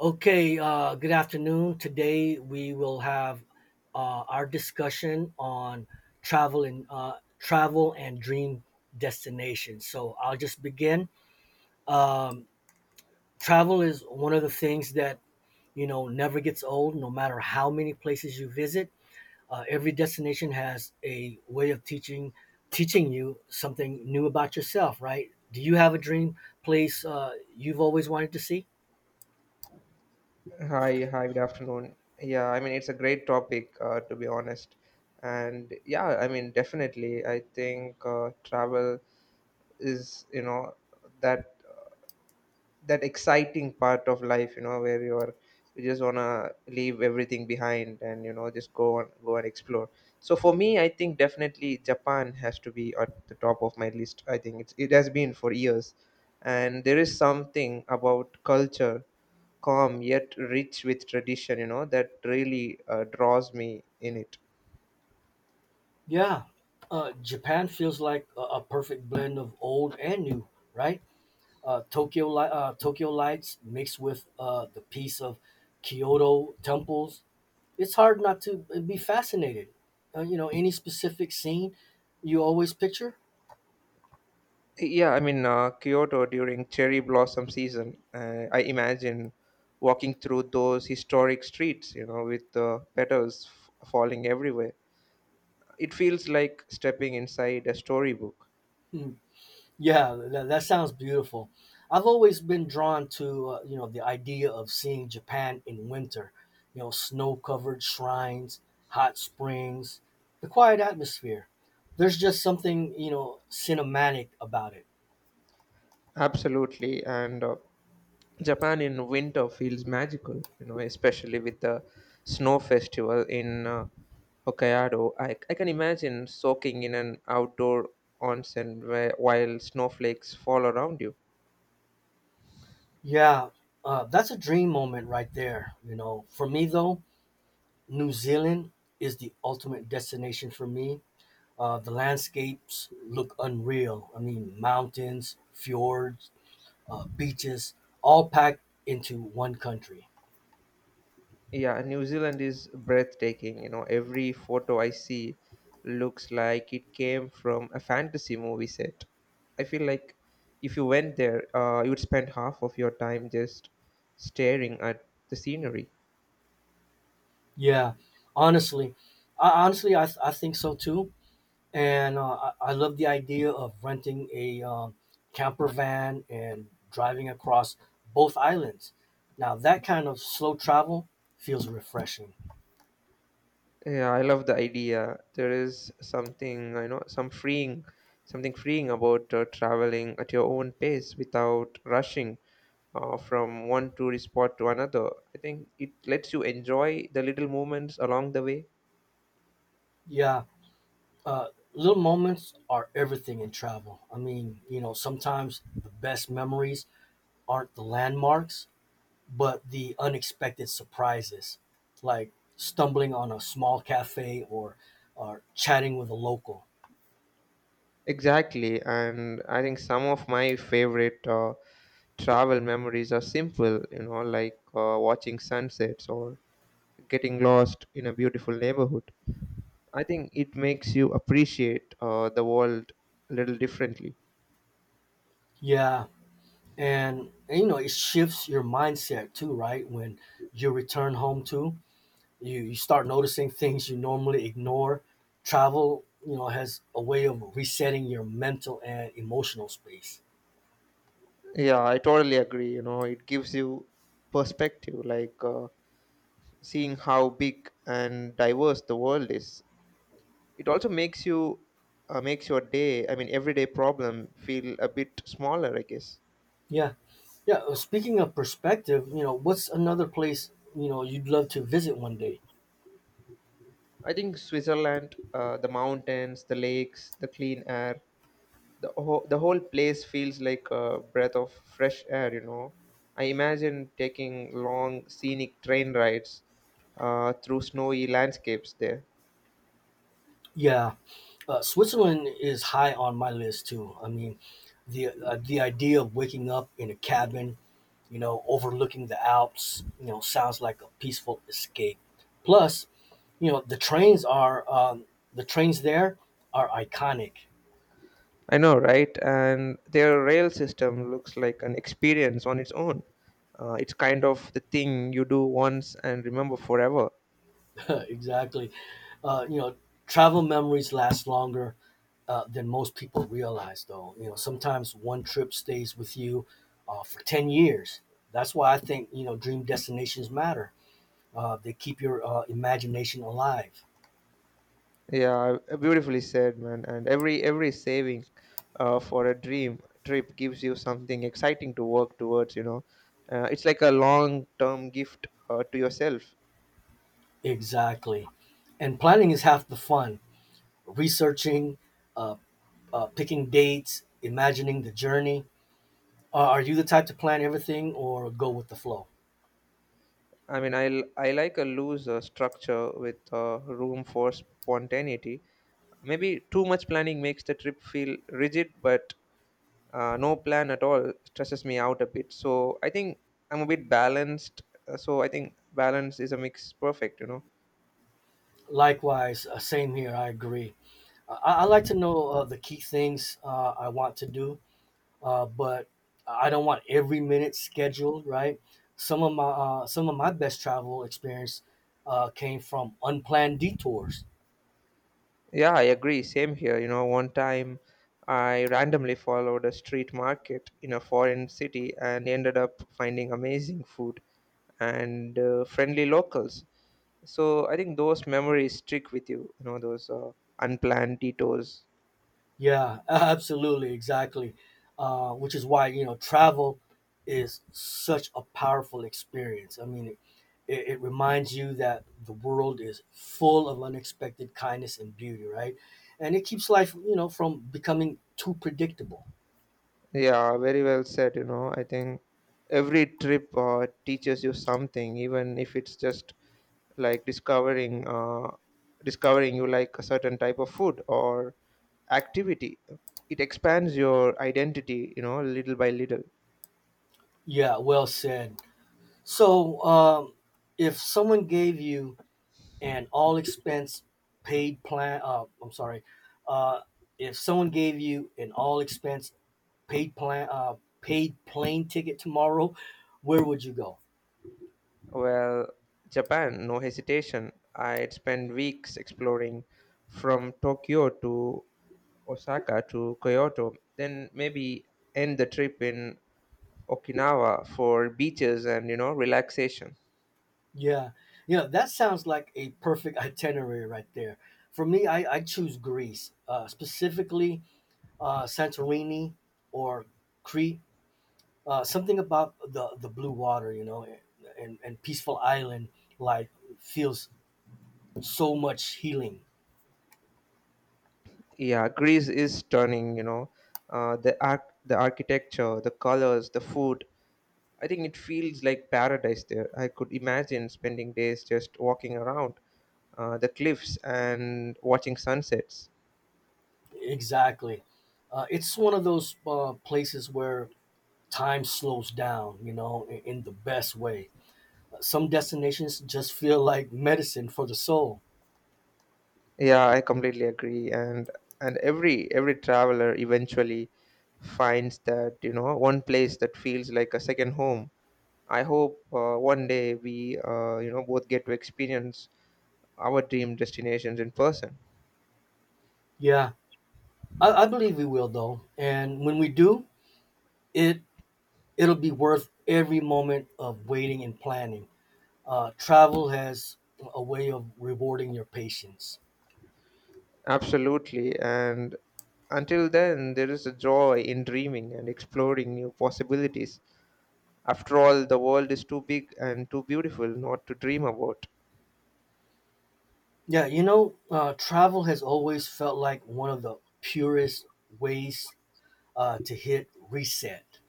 Okay, good afternoon. Today we will have our discussion on travel and uh, travel and dream destinations. So I'll just begin. Um, Travel is one of the things that you know never gets old, no matter how many places you visit. Every destination has a way of teaching you something new about yourself, right? Do you have a dream place you've always wanted to see? Hi, hi, good afternoon. Yeah, I mean, it's a great topic, to be honest. And yeah, I mean, definitely, I think travel is, you know, that that exciting part of life, you know, where you just wanna leave everything behind, and, you know, just go and explore. So for me, I think definitely Japan has to be at the top of my list. I think it has been for years, and there is something about culture, calm yet rich with tradition, you know, that really draws me in it. Yeah, Japan feels like a perfect blend of old and new, right? Tokyo lights mixed with the piece of Kyoto temples. It's hard not to be fascinated. You know, any specific scene you always picture? Yeah, I mean, Kyoto during cherry blossom season, I imagine walking through those historic streets, you know, with the petals falling everywhere. It feels like stepping inside a storybook. Hmm. Yeah, that sounds beautiful. I've always been drawn to you know the idea of seeing Japan in winter. You know, snow-covered shrines, hot springs, the quiet atmosphere. There's just something you know cinematic about it. Absolutely. And Japan in winter feels magical, you know, especially with the snow festival in Hokkaido. I can imagine soaking in an outdoor onsen while snowflakes fall around you. Yeah, that's a dream moment right there. You know, for me though, New Zealand is the ultimate destination for me. The landscapes look unreal. I mean, mountains, fjords, beaches, all packed into one country. Yeah, New Zealand is breathtaking. You know, every photo I see looks like it came from a fantasy movie set. I feel like if you went there, you would spend half of your time just staring at the scenery. Yeah, honestly, I think so too. And I love the idea of renting a camper van and driving across both islands. Now, that kind of slow travel feels refreshing. Yeah, I love the idea. There is something, I know, something freeing about traveling at your own pace without rushing from one tourist spot to another. I think it lets you enjoy the little moments along the way. Yeah, uh, little moments are everything in travel. I mean, you know, sometimes the best memories aren't the landmarks but the unexpected surprises, like stumbling on a small cafe or chatting with a local. Exactly, and I think some of my favorite travel memories are simple, you know, like watching sunsets or getting lost in a beautiful neighborhood. I think it makes you appreciate the world a little differently. Yeah, and, you know it shifts your mindset too, right? When you return home too, you start noticing things you normally ignore. Travel, you know, has a way of resetting your mental and emotional space. Yeah, I totally agree. You know, it gives you perspective, like seeing how big and diverse the world is. It also makes your day. I mean, everyday problem feel a bit smaller, I guess. Yeah, yeah. Speaking of perspective, you know, what's another place you know you'd love to visit one day? I think Switzerland, the mountains, the lakes, the clean air, the whole place feels like a breath of fresh air, you know. I imagine taking long scenic train rides through snowy landscapes there. Yeah, Switzerland is high on my list too. I mean, the idea of waking up in a cabin, you know, overlooking the Alps, you know, sounds like a peaceful escape. Plus, you know, the trains there are iconic. I know, right? And their rail system looks like an experience on its own. It's kind of the thing you do once and remember forever. Exactly. You know, travel memories last longer than most people realize, though. You know, sometimes one trip stays with you for 10 years. That's why I think, you know, dream destinations matter. They keep your imagination alive. Yeah, beautifully said, man. And every saving for a dream trip gives you something exciting to work towards. You know, it's like a long term gift to yourself. Exactly. And planning is half the fun. Researching, uh, picking dates, imagining the journey. Are you the type to plan everything or go with the flow? I mean, I like a loose structure with room for spontaneity. Maybe too much planning makes the trip feel rigid, but no plan at all stresses me out a bit. So I think I'm a bit balanced. So I think balance is a mix perfect, you know. Likewise, same here. I agree. I like to know the key things I want to do, but I don't want every minute scheduled. Right. Some of my best travel experience came from unplanned detours. Yeah, I agree. Same here. You know, one time I randomly followed a street market in a foreign city and ended up finding amazing food and friendly locals. So I think those memories stick with you, you know, those unplanned detours. Yeah, absolutely, exactly. Which is why you know travel is such a powerful experience. I mean, it reminds you that the world is full of unexpected kindness and beauty, right? And it keeps life, you know, from becoming too predictable. Yeah, very well said. You know, I think every trip teaches you something, even if it's just like discovering you like a certain type of food or activity. It expands your identity, you know, little by little. Yeah, well said. So, if someone gave you an all expense paid plan, I'm sorry, uh, if someone gave you an all expense paid plan, paid plane ticket tomorrow, where would you go? Well, Japan, no hesitation. I'd spend weeks exploring from Tokyo to Osaka to Kyoto, then maybe end the trip in Okinawa for beaches and, you know, relaxation. Yeah, you know that sounds like a perfect itinerary right there. For me, I choose Greece, specifically Santorini or Crete something about the blue water, you know, and peaceful island like feels so much healing. Yeah, Greece is stunning, you know. The arc the architecture, the colors, the food. I think it feels like paradise there. I could imagine spending days just walking around the cliffs and watching sunsets. Exactly, it's one of those places where time slows down, you know, in the best way. Some destinations just feel like medicine for the soul. Yeah, I completely agree. And every traveler eventually finds that, you know, one place that feels like a second home. I hope one day we you know both get to experience our dream destinations in person. Yeah, I believe we will though, and when we do, it it'll be worth every moment of waiting and planning. Travel has a way of rewarding your patience. Absolutely. And until then, there is a joy in dreaming and exploring new possibilities. After all, the world is too big and too beautiful not to dream about. Yeah, you know, travel has always felt like one of the purest ways to hit reset.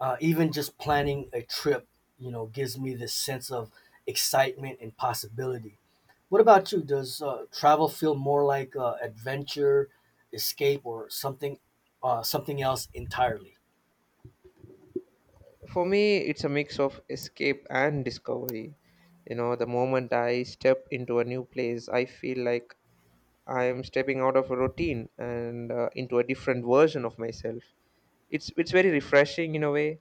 Even just planning a trip, you know, gives me this sense of excitement and possibility. What about you? Does travel feel more like adventure, escape, or something else entirely? For me, it's a mix of escape and discovery. You know, the moment I step into a new place, I feel like I am stepping out of a routine and into a different version of myself. It's very refreshing in a way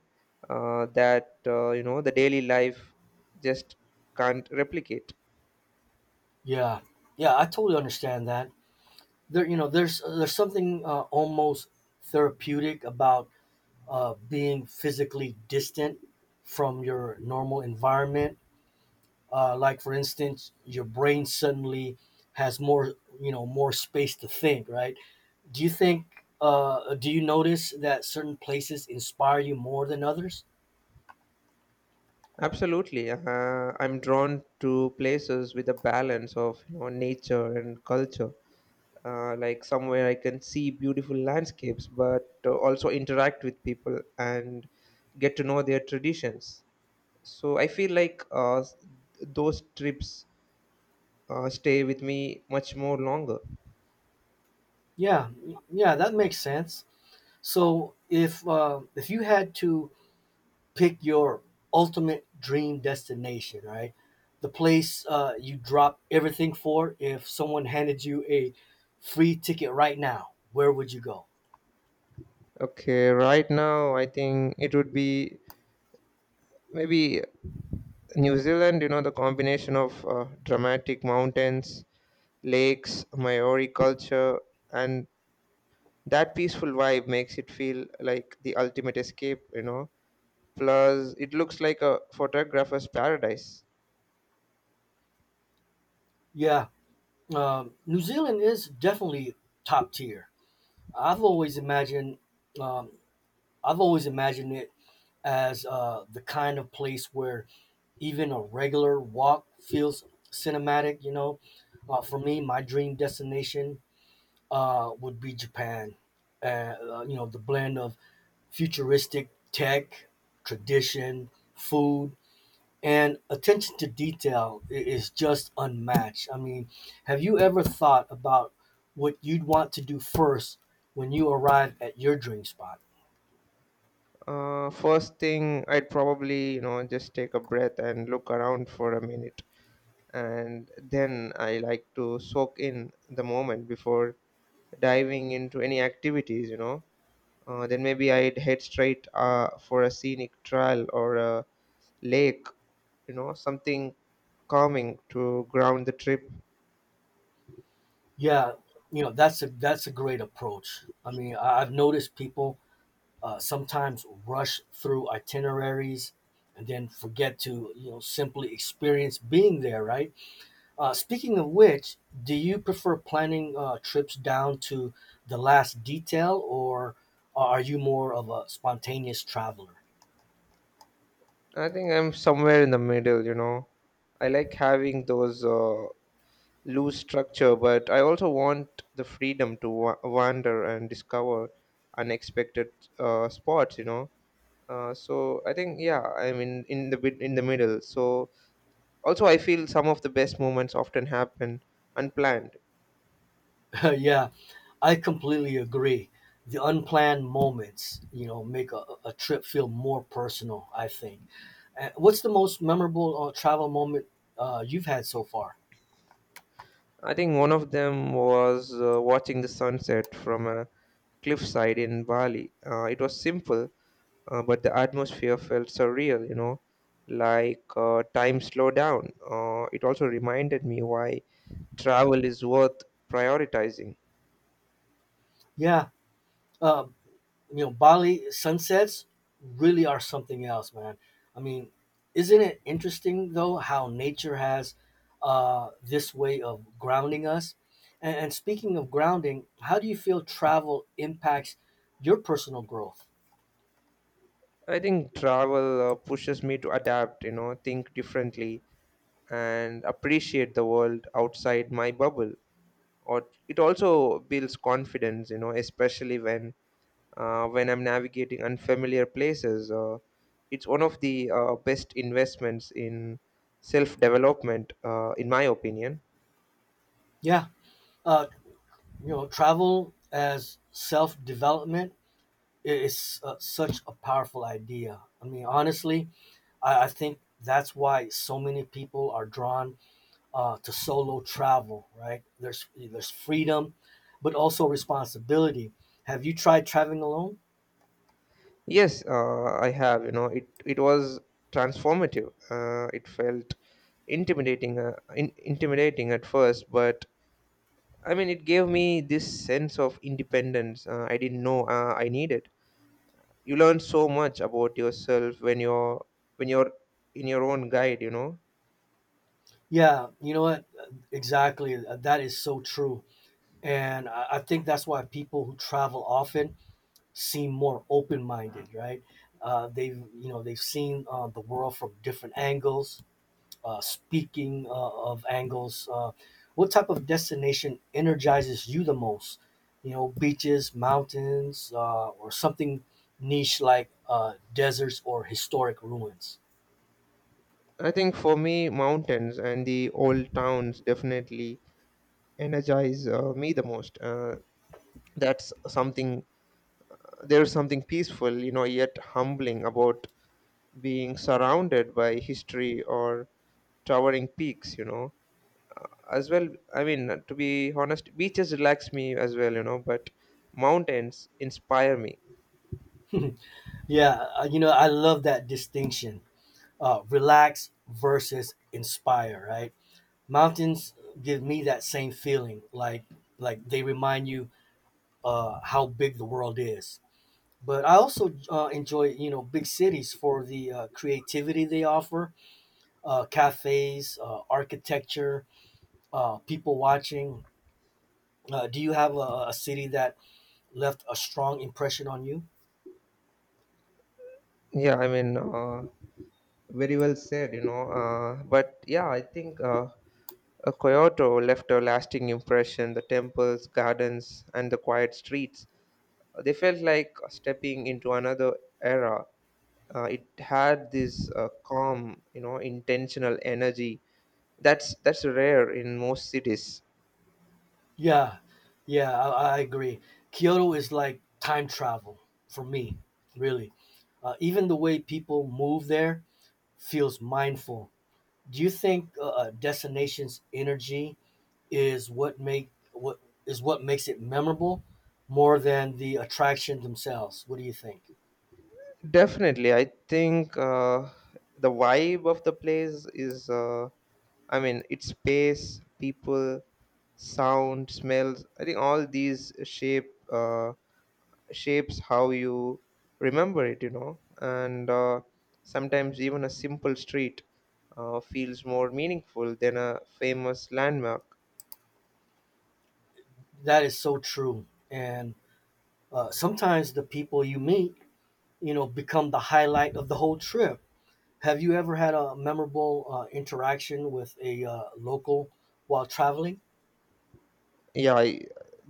that, you know, the daily life just can't replicate. Yeah, yeah, I totally understand that. There's something almost therapeutic about being physically distant from your normal environment. Like for instance, your brain suddenly has more, you know, more space to think. Right? Do you think? Do you notice that certain places inspire you more than others? Absolutely, I'm drawn to places with a balance of, you know, nature and culture, like somewhere I can see beautiful landscapes, but also interact with people and get to know their traditions. So I feel like those trips stay with me much more longer. Yeah, yeah, that makes sense. So if you had to pick your ultimate dream destination, right? The place you drop everything for. If someone handed you a free ticket right now, where would you go? Okay, right now I think it would be maybe New Zealand, you know, the combination of dramatic mountains, lakes, Maori culture, and that peaceful vibe makes it feel like the ultimate escape, you know. Plus, it looks like a photographer's paradise. Yeah, New Zealand is definitely top tier. I've always imagined, um, I've always imagined it as the kind of place where even a regular walk feels cinematic. You know, for me, my dream destination would be Japan. You know, the blend of futuristic tech, tradition, food, and attention to detail is just unmatched. I mean, have you ever thought about what you'd want to do first when you arrive at your dream spot? First thing, I'd probably, you know, just take a breath and look around for a minute. And then I like to soak in the moment before diving into any activities, you know. Then maybe I'd head straight for a scenic trail or a lake, you know, something calming to ground the trip. Yeah, you know that's a great approach. I mean, I've noticed people sometimes rush through itineraries and then forget to you know simply experience being there, right? Speaking of which, do you prefer planning trips down to the last detail, or are you more of a spontaneous traveler? I think I'm somewhere in the middle, you know. I like having those loose structure, but I also want the freedom to wander and discover unexpected spots, you know. So I think yeah, I mean, in the bit in the middle. So also I feel some of the best moments often happen unplanned. Yeah, I completely agree. The unplanned moments, you know, make a trip feel more personal. I think. What's the most memorable travel moment you've had so far? I think one of them was watching the sunset from a cliffside in Bali. It was simple, but the atmosphere felt surreal, you know, like time slowed down. It also reminded me why travel is worth prioritizing. Yeah. Uh, you know, Bali sunsets really are something else, man. I mean, isn't it interesting though how nature has this way of grounding us? And speaking of grounding, how do you feel travel impacts your personal growth? I think travel pushes me to adapt, you know, think differently and appreciate the world outside my bubble. Or it also builds confidence, you know, especially when I'm navigating unfamiliar places. It's one of the best investments in self development, in my opinion. Yeah, uh, you know, travel as self development is such a powerful idea. I mean, honestly, I think that's why so many people are drawn to solo travel, right? There's freedom, but also responsibility. Have you tried traveling alone? Yes, I have. You know, it was transformative. It felt intimidating, intimidating at first, but I mean, it gave me this sense of independence I didn't know I needed. You learn so much about yourself when you're in your own guide, you know. Yeah, you know what? Exactly. That is so true. And I think that's why people who travel often seem more open minded, right? They've you know they've seen the world from different angles, speaking of angles, what type of destination energizes you the most? You know, beaches, mountains, or something niche like deserts or historic ruins. I think for me, mountains and the old towns definitely energize me the most. That's something. There's something peaceful, you know, yet humbling about being surrounded by history or towering peaks, you know, as well. I mean, to be honest, beaches relax me as well, you know, but mountains inspire me. Yeah, you know, I love that distinction. Relax versus inspire, right? Mountains give me that same feeling, like they remind you how big the world is. But I also enjoy, you know, big cities for the creativity they offer, cafes, architecture, people watching. Do you have a city that left a strong impression on you? Yeah, I mean, very well said, you know. But yeah, I think Kyoto left a lasting impression. The temples, gardens, and the quiet streets, they felt like stepping into another era. It had this calm, you know, intentional energy. That's rare in most cities. Yeah, yeah, I agree. Kyoto is like time travel for me, really. Even the way people move there feels mindful. Do you think a destination's energy is what make what is what makes it memorable more than the attraction themselves? What do you think? Definitely, I think the vibe of the place is. I mean, its space, people, sound, smells. I think all these shapes how you remember it. You know, and sometimes even a simple street feels more meaningful than a famous landmark. That is so true. And sometimes the people you meet, you know, become the highlight of the whole trip. Have you ever had a memorable interaction with a local while traveling? Yeah,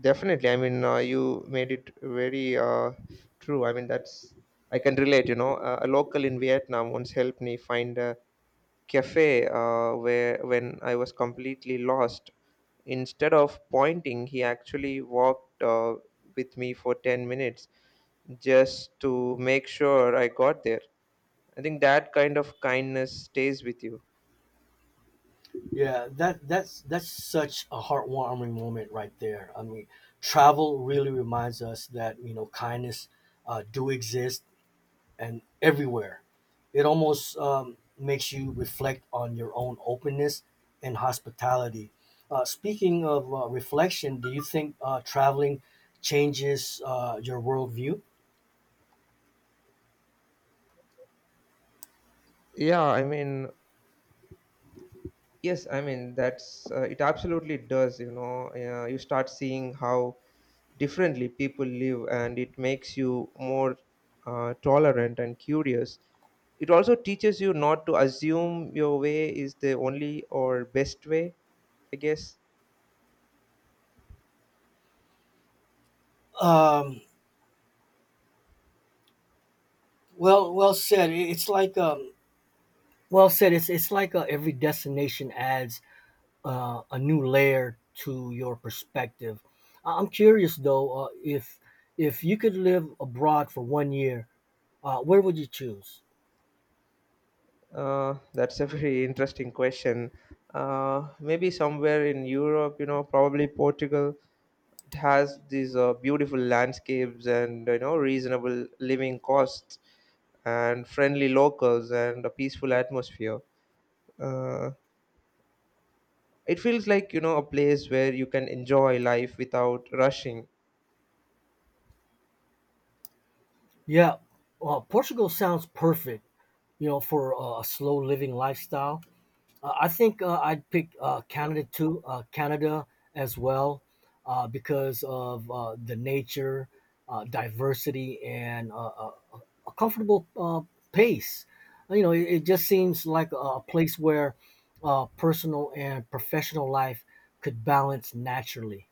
definitely. I mean, you made it very true. I mean, that's I can relate. You know, a local in Vietnam once helped me find a cafe where when I was completely lost. Instead of pointing, he actually walked with me for 10 minutes just to make sure I got there. I think that kind of kindness stays with you. Yeah, that that's such a heartwarming moment right there. I mean, travel really reminds us that you know kindness do exist and everywhere. It almost makes you reflect on your own openness and hospitality. Speaking of reflection, do you think traveling changes your worldview? Yeah, I mean, yes, I mean that's it absolutely does, you know. You start seeing how differently people live, and it makes you more tolerant and curious. It also teaches you not to assume your way is the only or best way, I guess. Um, well, well said. It's like well said. It's like every destination adds a new layer to your perspective. I'm curious though, if you could live abroad for one year, where would you choose? That's a very interesting question. Maybe somewhere in Europe, you know, probably Portugal. It has these beautiful landscapes, and, you know, reasonable living costs, and friendly locals, and a peaceful atmosphere. uh, it feels like, you know, a place where you can enjoy life without rushing. Yeah, Portugal sounds perfect, you know, for a slow living lifestyle. I think I'd pick Canada too, Canada as well, because of the nature, diversity, and a comfortable pace. You know, it just seems like a place where personal and professional life could balance naturally.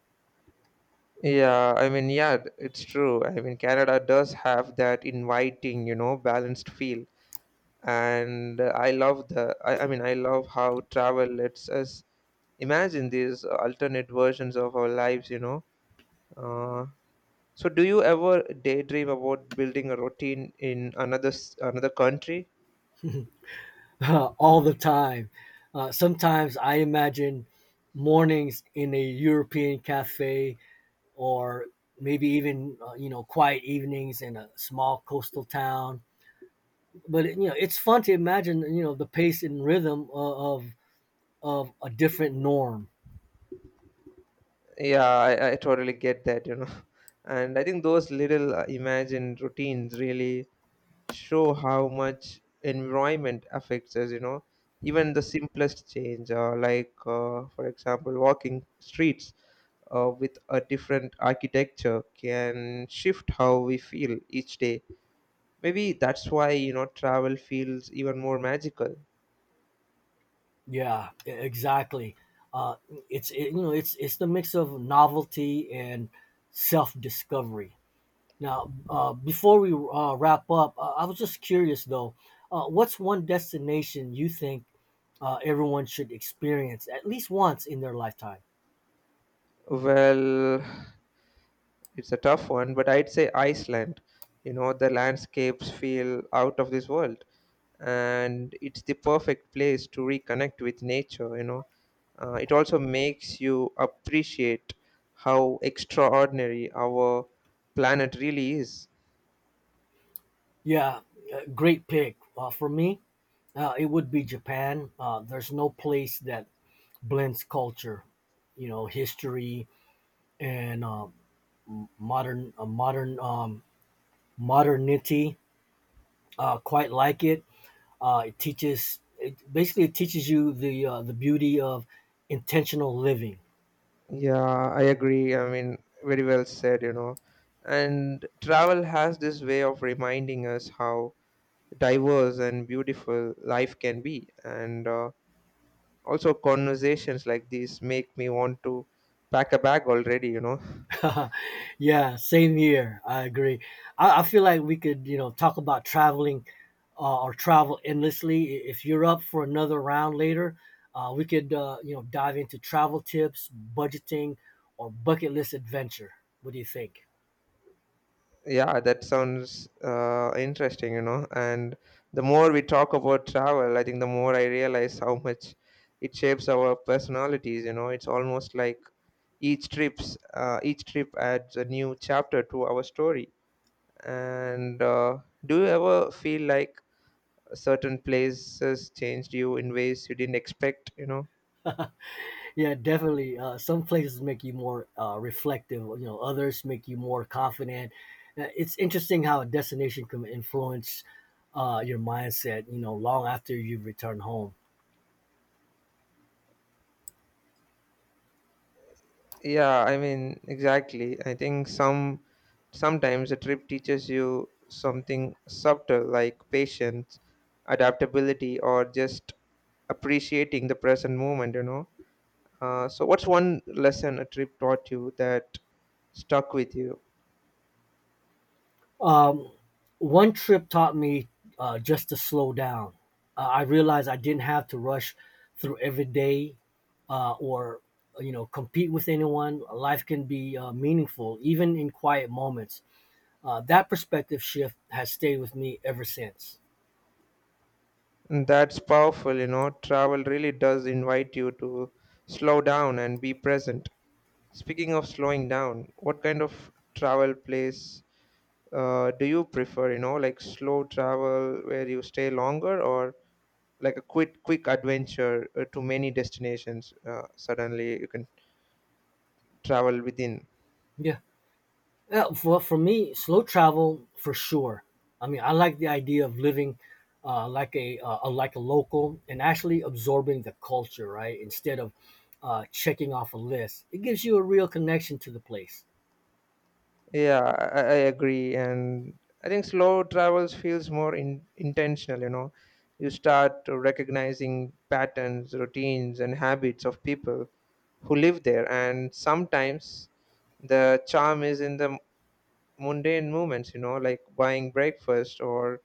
Yeah, I mean, yeah, it's true. I mean, Canada does have that inviting, you know, balanced feel. And I love I mean, I love how travel lets us imagine these alternate versions of our lives, you know. Uh, So, do you ever daydream about building a routine in another another country? All the time. Sometimes I imagine mornings in a European cafe or maybe even you know quiet evenings in a small coastal town, but you know it's fun to imagine you know the pace and rhythm of a different norm. Yeah, I totally get that, you know. And I think those little imagined routines really show how much environment affects us, you know. Even the simplest change, like, for example, walking streets with a different architecture can shift how we feel each day. Maybe that's why, you know, travel feels even more magical. Yeah, exactly. Uh, it's it, you know it's it's the mix of novelty and self-discovery. Now, before we wrap up, I was just curious though, what's one destination you think everyone should experience at least once in their lifetime? Well, it's a tough one, but I'd say Iceland. You know, the landscapes feel out of this world, and it's the perfect place to reconnect with nature, you know. It also makes you appreciate how extraordinary our planet really is. Yeah, great pick. For me, it would be Japan. There's no place that blends culture, you know, history and modern uh, modern um, modernity quite like it. It teaches it basically it teaches you the beauty of intentional living. Yeah, I agree. I mean, very well said, you know. And travel has this way of reminding us how diverse and beautiful life can be. And Also, conversations like these make me want to pack a bag already, you know. Yeah, same here. I agree. I feel like we could you know talk about traveling or travel endlessly. If you're up for another round later, we could you know dive into travel tips, budgeting, or bucket list adventure. What do you think? Yeah, that sounds interesting, you know. And the more we talk about travel, I think the more I realize how much it shapes our personalities, you know. It's almost like each trip adds a new chapter to our story. And do you ever feel like certain places changed you in ways you didn't expect, you know? Yeah, definitely. Some places make you more reflective, you know, others make you more confident. It's interesting how a destination can influence your mindset, you know, long after you return home. Yeah, I mean, exactly. I think sometimes a trip teaches you something subtle like patience, adaptability, or just appreciating the present moment, you know. So what's one lesson a trip taught you that stuck with you? Um, One trip taught me just to slow down. I realized I didn't have to rush through every day or, you know, compete with anyone. Life can be meaningful, even in quiet moments. That perspective shift has stayed with me ever since. And that's powerful, you know. Travel really does invite you to slow down and be present. Speaking of slowing down, what kind of travel place do you prefer, you know, like slow travel where you stay longer, or like a quick adventure to many destinations suddenly you can travel within. Yeah. Yeah, for me, slow travel for sure. I mean, I like the idea of living like a local and actually absorbing the culture, right? Instead of checking off a list, it gives you a real connection to the place. Yeah, I agree, and I think slow travels feels more intentional, you know. You start to recognizing patterns, routines, and habits of people who live there. And sometimes the charm is in the mundane moments, you know, like buying breakfast or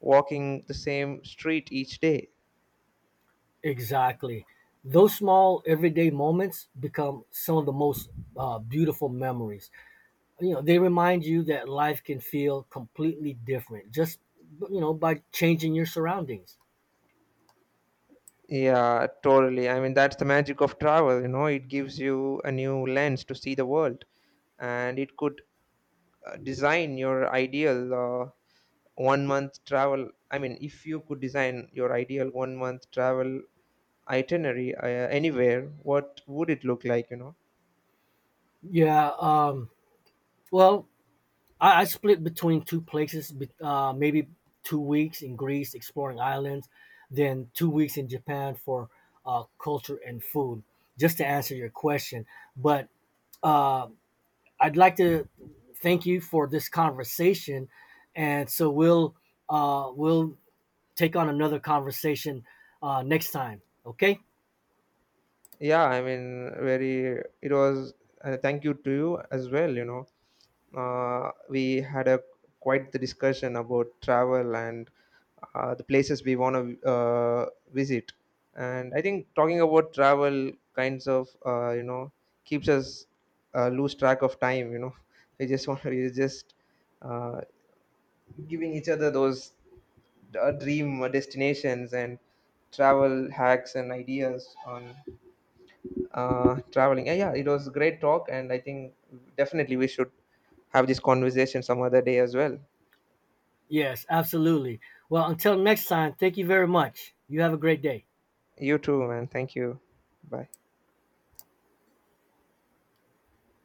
walking the same street each day. Exactly. Those small everyday moments become some of the most beautiful memories. You know, they remind you that life can feel completely different just you know by changing your surroundings. Yeah, totally. I mean, that's the magic of travel, you know, it gives you a new lens to see the world, and it could design your ideal one month travel. I mean, if you could design your ideal one month travel itinerary anywhere, what would it look like, you know? Yeah. Well, I split between two places, maybe 2 weeks in Greece exploring islands, then 2 weeks in Japan for culture and food. Just to answer your question, but uh, I'd like to thank you for this conversation, and so we'll take on another conversation next time. Okay? Yeah, I mean, thank you to you as well, you know. We had a quite the discussion about travel and the places we want to visit, and I think talking about travel kinds of, you know, keeps us lose track of time, you know. we just want we just uh, giving each other those dream destinations and travel hacks and ideas on traveling. Yeah, yeah, it was a great talk, and I think definitely we should have this conversation some other day as well. Yes, absolutely. Well, until next time, thank you very much. You have a great day. You too, man. Thank you. Bye.